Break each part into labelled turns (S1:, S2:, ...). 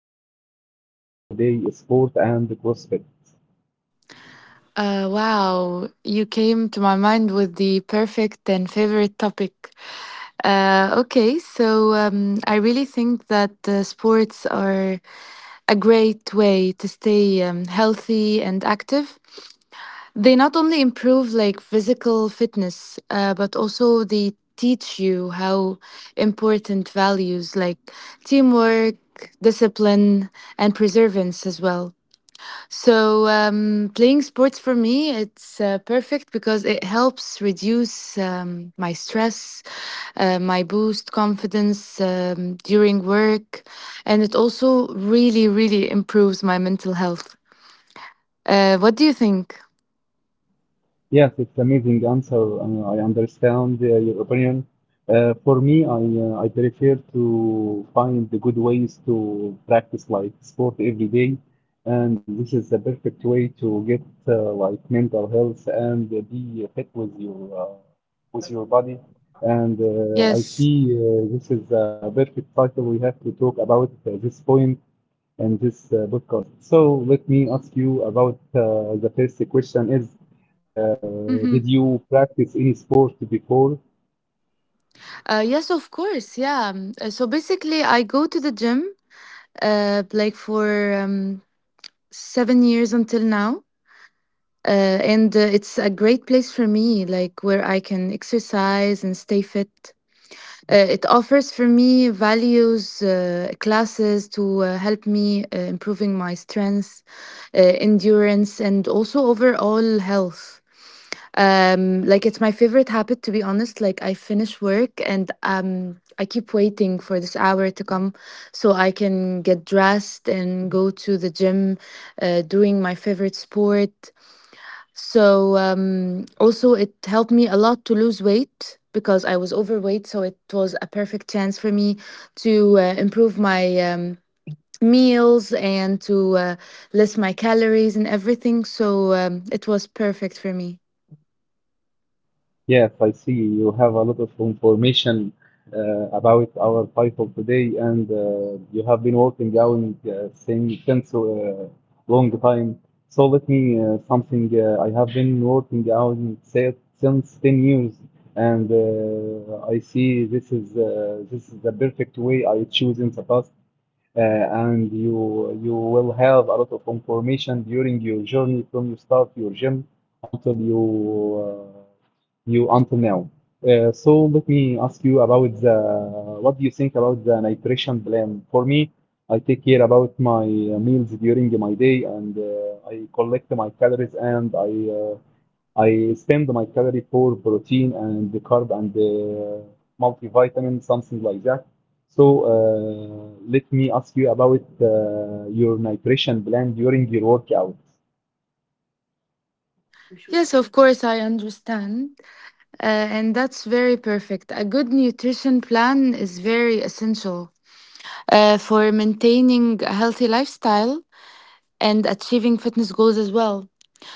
S1: think about our title today, sport and CrossFit?
S2: Wow, you came to my mind with the perfect and favorite topic. Okay, so I really think that sports are a great way to stay healthy and active. They not only improve like physical fitness, but also they teach you how important values like teamwork, discipline, and perseverance as well. So playing sports for me, it's perfect because it helps reduce my stress, my boost confidence during work, and it also really, really improves my mental health. What do you think?
S1: Yes, it's amazing answer. I understand your opinion. For me, I prefer to find the good ways to practice like sport every day, and this is the perfect way to get like mental health and be fit with your body. And I
S2: Yes.
S1: see this is a perfect cycle. We have to talk about this point in this podcast. So let me ask you about the first question is.
S2: Mhm.
S1: Did you practice any sport before?
S2: Yes, of course. Yeah. So basically, I go to the gym like for um, 7 years until now. And it's a great place for me, like where I can exercise and stay fit. It offers for me values, classes to help me improving my strength, endurance, and also overall health. Like it's my favorite habit, to be honest. Like I finish work and I keep waiting for this hour to come so I can get dressed and go to the gym, doing my favorite sport. So also it helped me a lot to lose weight because I was overweight, so it was a perfect chance for me to improve my meals and to list my calories and everything. So it was perfect for me.
S1: Yes, I see you have a lot of information uh, about our title today, and you have been working out since a long time. So let me something I have been working out since 10 years, and I see this is the perfect way I choose in the past. uh, and you you will have a lot of information during your journey from you start your gym until uh, you until now. So let me ask you about the what do you think about the nutrition plan? For me, I take care about my meals during my day and I collect my calories and uh, I spend my calorie for protein and the carb and the multivitamin, something like that. So let me ask you about your nutrition plan during your workout.
S2: Yes, of course, I understand. And that's very perfect. A good nutrition plan is very essential for maintaining a healthy lifestyle and achieving fitness goals as well.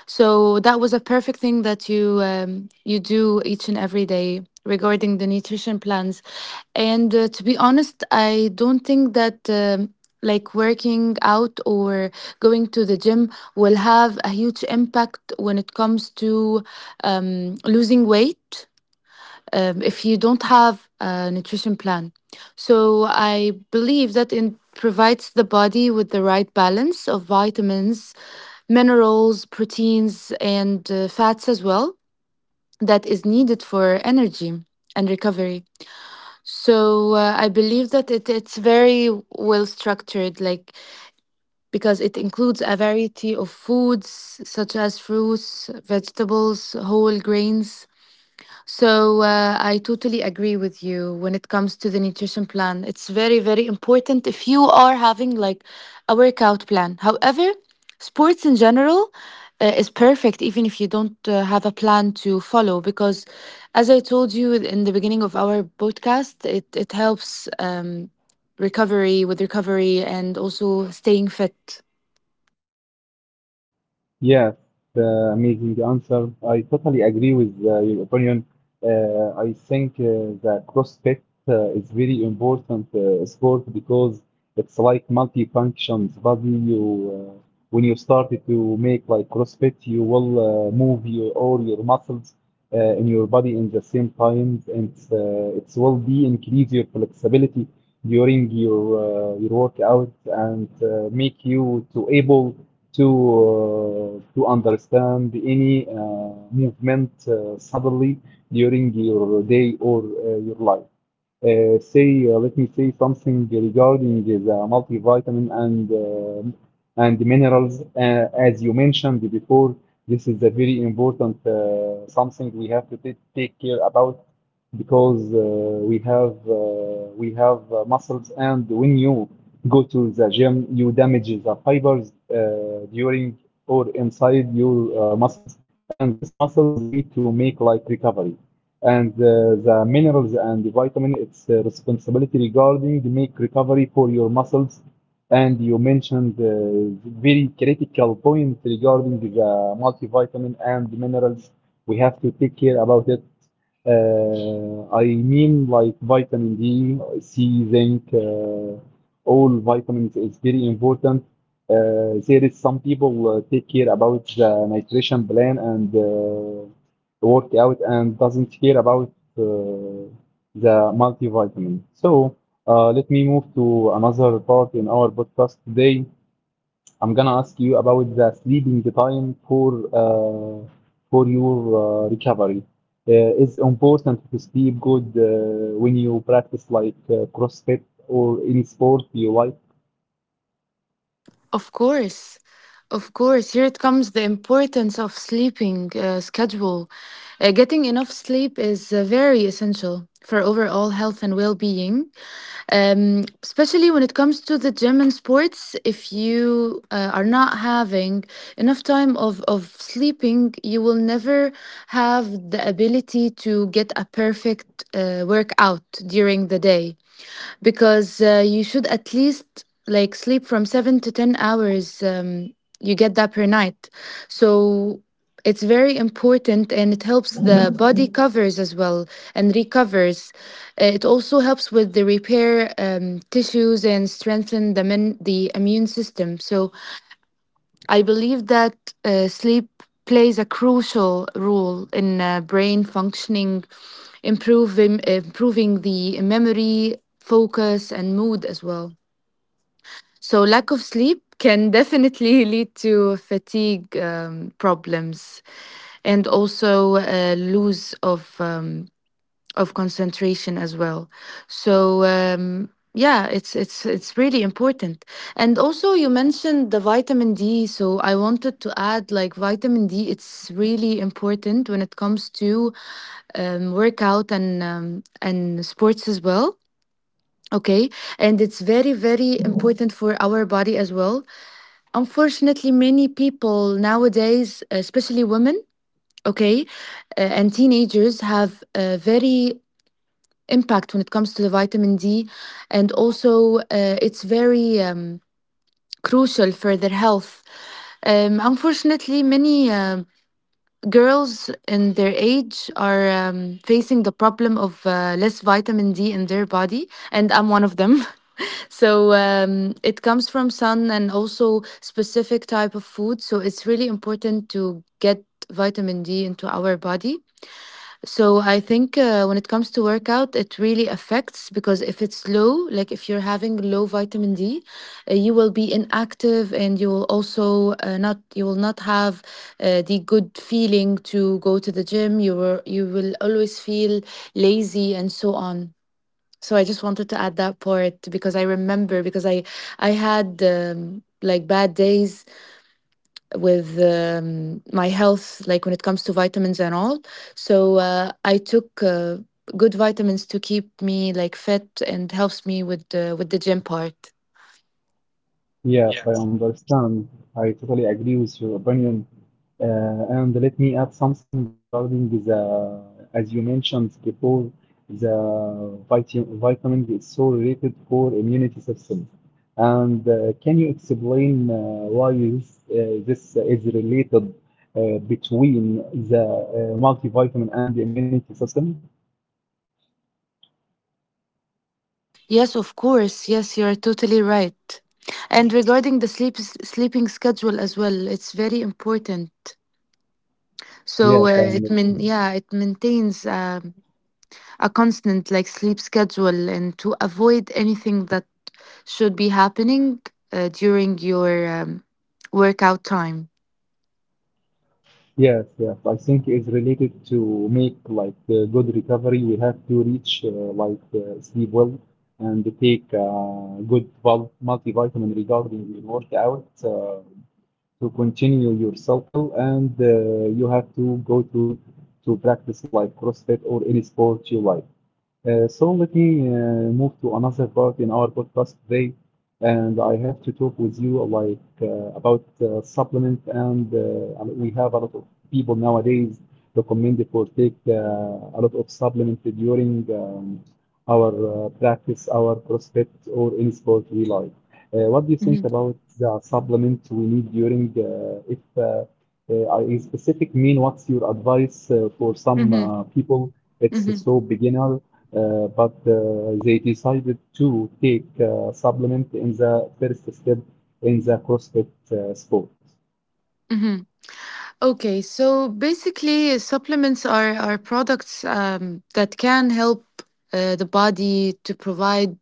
S2: So that was a perfect thing that you do each and every day regarding the nutrition plans. And to be honest, I don't think that like working out or going to the gym will have a huge impact when it comes to losing weight if you don't have a nutrition plan. So I believe that it provides the body with the right balance of vitamins, minerals, proteins, and fats as well that is needed for energy and recovery. So I believe that it's very well structured, like because it includes a variety of foods such as fruits, vegetables, whole grains, so I totally agree with you when it comes to the nutrition plan. It's very, very important if you are having like a workout plan. However, sports in general is perfect even if you don't have a plan to follow because as I told you in the beginning of our podcast, it helps recovery with recovery and also staying fit.
S1: Yeah, the amazing answer. I totally agree with your opinion. I think that CrossFit is very important sport because it's like multi-functions body. You When you started to make like CrossFit, you will move your all your muscles in your body in the same time, and it will be increase your flexibility during your workout and make you to able to to understand any movement suddenly during your day or your life. Let me say something regarding the multivitamin and minerals. As you mentioned before, this is a very important something we have to take care about because we have uh, we have muscles, and when you go to the gym, you damage the fibers during or inside your muscles, and these muscles need to make like recovery and the minerals and the vitamin it's responsibility regarding the make recovery for your muscles and you mentioned very critical point regarding the multivitamin and the minerals we have to take care about it I mean like vitamin D, C, zinc, all vitamins is very important. There is some people take care about the nutrition plan and work out and doesn't care about uh, the multivitamin. So let me move to another part in our podcast today. I'm gonna ask you about the sleeping time uh, for your recovery. It's important to sleep good when you practice like CrossFit or any sport you like.
S2: Of course. Of course, here it comes the importance of sleeping schedule. Getting enough sleep is very essential for overall health and well being, especially when it comes to the gym and sports. If you are not having enough time of sleeping, you will never have the ability to get a perfect workout during the day because you should at least like sleep from 7 to 10 hours you get that per night, so it's very important and it helps the body covers as well and recovers. It also helps with the repair tissues and strengthen the immune system. So I believe that sleep plays a crucial role in brain functioning, improving the memory, focus, and mood as well. So lack of sleep can definitely lead to fatigue problems and also lose of concentration as well. So yeah, it's really important. And also you mentioned the vitamin D, so I wanted to add like vitamin D. It's really important when it comes to workout and and sports as well. Okay, and it's very very important for our body as well. Unfortunately, many people nowadays, especially women, okay, and teenagers have a very impact when it comes to the vitamin D. And also, it's very crucial for their health. Unfortunately, many girls in their age are facing the problem of less vitamin D in their body, and I'm one of them. So it comes from sun and also specific type of food. So it's really important to get vitamin D into our body. So I think when it comes to workout, it really affects because if it's low, like if you're having low vitamin D, you will be inactive and you will also not you will not have the good feeling to go to the gym. You will always feel lazy and so on. So I just wanted to add that part because I remember because I had like bad days with my health, like when it comes to vitamins and all. So I took good vitamins to keep me like fit and helps me with the gym part.
S1: Yes, I understand. I totally agree with your opinion. Uh, and let me add something regarding as you mentioned before, the vitamin is so rated for immunity system. And can you explain why this is related between the multivitamin and the immunity system?
S2: Yes, of course. Yes, you are totally right. And regarding the sleeping schedule as well, it's very important. So
S1: Yes, I understand.
S2: it maintains a constant like sleep schedule and to avoid anything that should be happening during your workout time.
S1: Yes, yes. I think it's related to make like a good recovery. We have to reach like sleep well and take good multivitamin regarding your workout to continue your cycle. And you have to go to practice like CrossFit or any sport you like. So let me move to another part in our podcast today, and I have to talk with you about supplement, and we have a lot of people nowadays recommended for take a lot of supplement during our practice, our CrossFit, or any sport we like. What do you think
S2: hmm
S1: about the supplement we need during if a specific mean? What's your advice for some
S2: hmm
S1: people? It's
S2: hmm
S1: so beginner but they decided to take supplement in the first step in the CrossFit sport.
S2: hmm Okay, so basically, supplements are products that can help the body to provide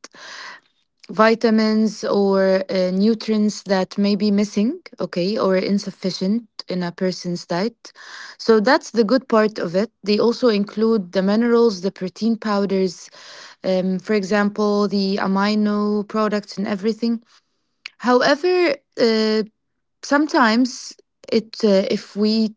S2: vitamins or nutrients that may be missing, okay, or insufficient in a person's diet. So that's the good part of it. They also include the minerals, the protein powders, for example, the amino products and everything. However, sometimes it if we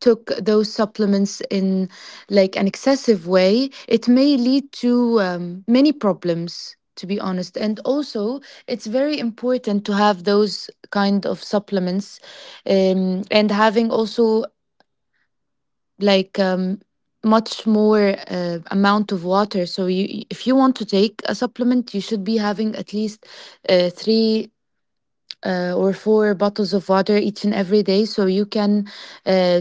S2: took those supplements in like an excessive way, it may lead to many problems, to be honest, and also it's very important to have those kind of supplements and having also like um, much more amount of water, so you if you want to take a supplement you should be having at least three or four bottles of water each and every day so you can uh,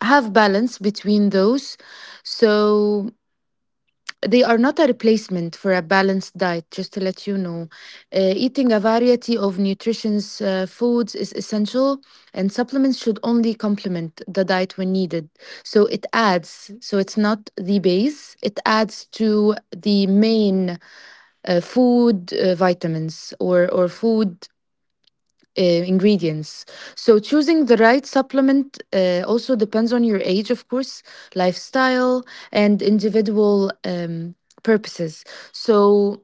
S2: have balance between those, so they are not a replacement for a balanced diet, just to let you know. Eating a variety of nutritious foods is essential, and supplements should only complement the diet when needed, so it adds, so it's not the base, it adds to the main food, vitamins or food ingredients. So, choosing the right supplement also depends on your age, of course, lifestyle, and individual purposes. So,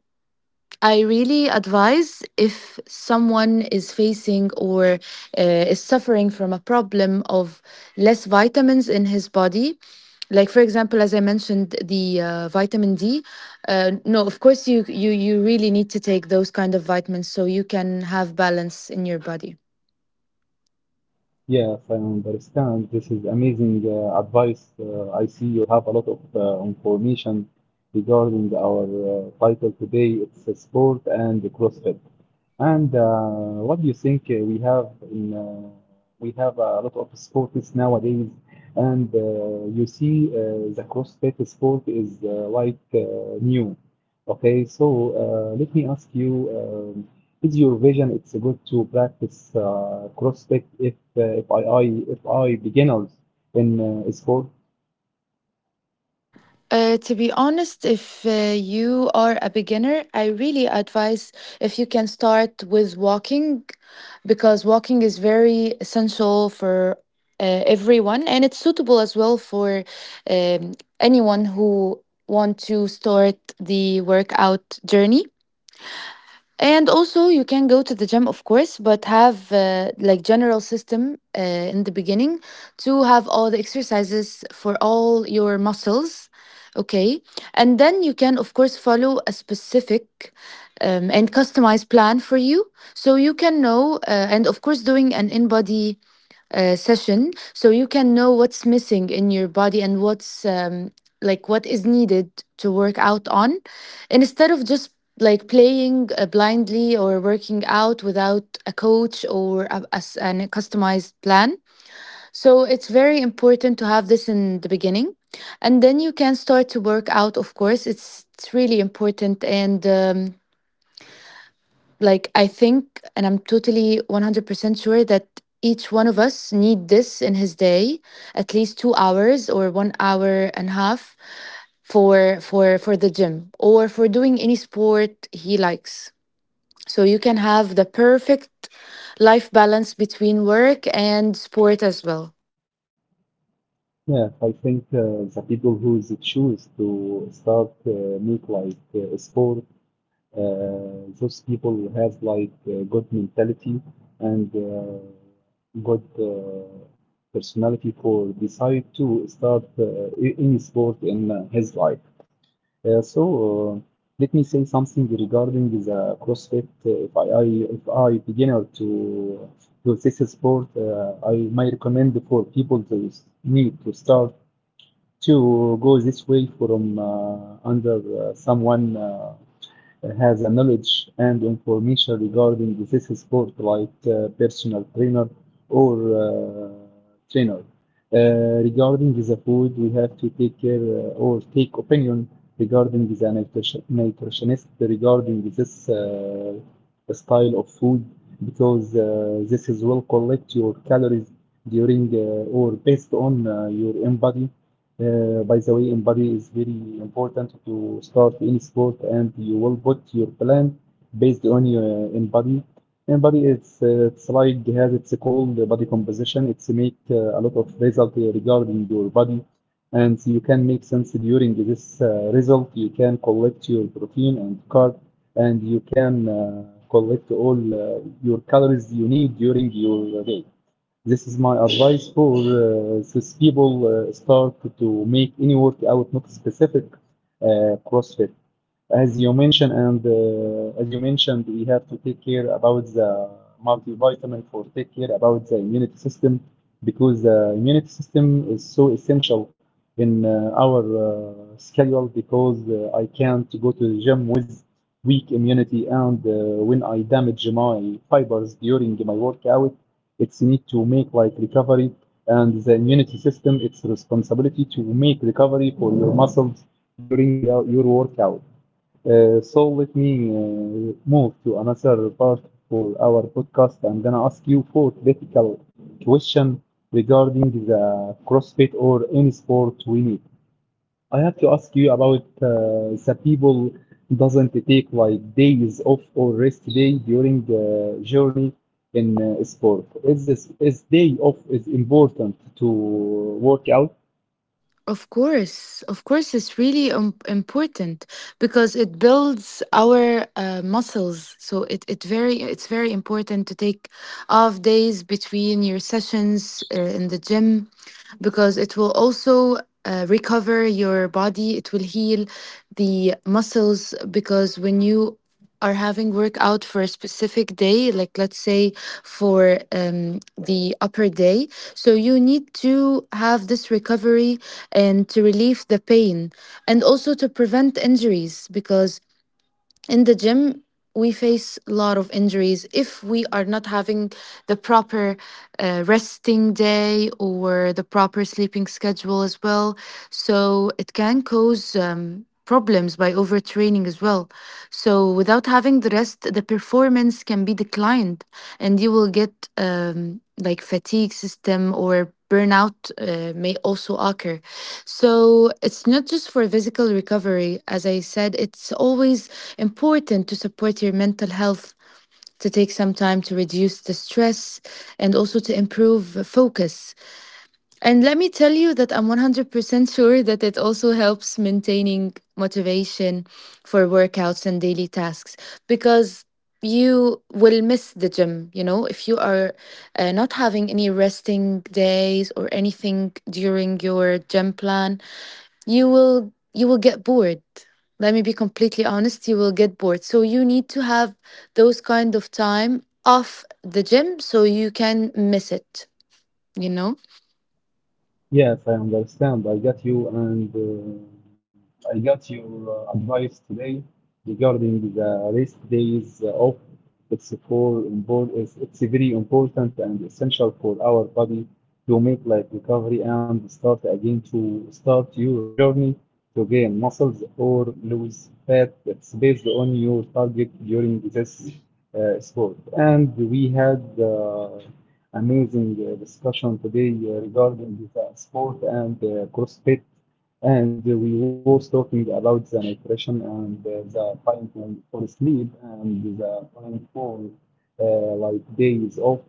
S2: I really advise if someone is facing or is suffering from a problem of less vitamins in his body. Like for example, as I mentioned, the vitamin D. No, of course you really need to take those kind of vitamins so you can have balance in your body.
S1: Yes, I understand. This is amazing advice. I see you have a lot of information regarding our title today. It's sport and CrossFit. And what do you think we have a lot of sports nowadays, and you see the CrossFit sport is new. Okay, so let me ask you, is your vision it's good to practice CrossFit if I, I if I beginners in sport?
S2: To be honest, if you are a beginner, I really advise if you can start with walking, because walking is very essential for everyone, and it's suitable as well for um, anyone who want to start the workout journey. And also, you can go to the gym, of course, but have like general system in the beginning to have all the exercises for all your muscles. Okay, and then you can, of course, follow a specific and customized plan for you, so you can know. And of course, doing an in-body session so you can know what's missing in your body and what's like what is needed to work out on, instead of just like playing blindly or working out without a coach or a customized plan. So it's very important to have this in the beginning, and then you can start to work out. Of course it's really important, and like I think, and I'm totally 100% sure that each one of us need this in his day, at least 2 hours or 1 hour and a half, for the gym or for doing any sport he likes, so you can have the perfect life balance between work and sport as well.
S1: Yeah, I think the people who choose to start make like sport, those people who have like good mentality and good personality for decide to start any sport in his life. Uh, so uh, Let me say something regarding the CrossFit. If I beginner to this sport, I may recommend for people to need to start to go this way from under someone has a knowledge and information regarding this sport, like personal trainer or trainer. Regarding the food, we have to take care or take opinion regarding the nutritionist regarding this style of food because this is will collect your calories during or based on your own body. By the way, in body is very important to start any sport, and you will put your plan based on your in body. In body, it's like has its called body composition. It's make a lot of result regarding your body, and you can make sense during this result. You can collect your protein and carb, and you can collect all your calories you need during your day. This is my advice for these people start to make any workout not specific CrossFit. As you mentioned, and as you mentioned, we have to take care about the multivitamin for take care about the immunity system because the immunity system is so essential in our schedule because I can't go to the gym with weak immunity and when I damage my fibers during my workout, its need to make like recovery and the immunity system its responsibility to make recovery for your muscles during your workout. So let me move to another part for our podcast. I'm gonna ask you four critical question regarding the CrossFit or any sport we need. I have to ask you about the people doesn't take like days off or rest day during the journey in sport. Is this is day off is important to work out?
S2: Of course, it's really important because it builds our muscles. So it's very important to take off days between your sessions in the gym, because it will also recover your body. It will heal the muscles, because when you are having workout for a specific day, like let's say for the upper day, so you need to have this recovery and to relieve the pain and also to prevent injuries, because in the gym we face a lot of injuries if we are not having the proper resting day or the proper sleeping schedule as well, so it can cause problems by overtraining as well. So without having the rest, the performance can be declined, and you will get like fatigue system or burnout may also occur. So it's not just for physical recovery, as I said, it's always important to support your mental health, to take some time to reduce the stress and also to improve focus. And let me tell you that I'm 100% sure that it also helps maintaining motivation for workouts and daily tasks, because you will miss the gym, you know, if you are not having any resting days or anything during your gym plan, you will get bored. Let me be completely honest, you will get bored. So you need to have those kind of time off the gym so you can miss it, you know?
S1: Yes, I understand. I got you, and I got your advice today regarding the rest days off. It's very important and essential for our body to make like recovery and start again to start your journey to gain muscles or lose fat. It's based on your target during this sport. And we had amazing discussion today regarding the sport and CrossFit. And we was talking about the nutrition and the time for sleep and the time for uh, like days off.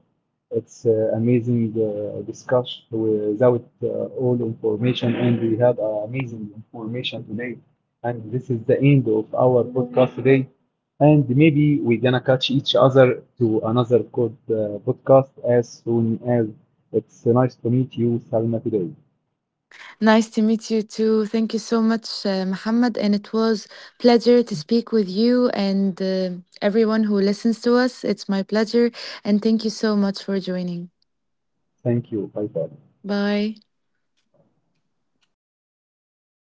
S1: It's amazing discussion without all information, and we had amazing information today. And this is the end of our podcast today. And maybe we're gonna catch each other to another good podcast as soon as. It's nice to meet you, Salma, today.
S2: Nice to meet you too. Thank you so much, Muhammad. And it was pleasure to speak with you and everyone who listens to us. It's my pleasure. And thank you so much for joining.
S1: Thank you. Bye bye.
S2: Bye.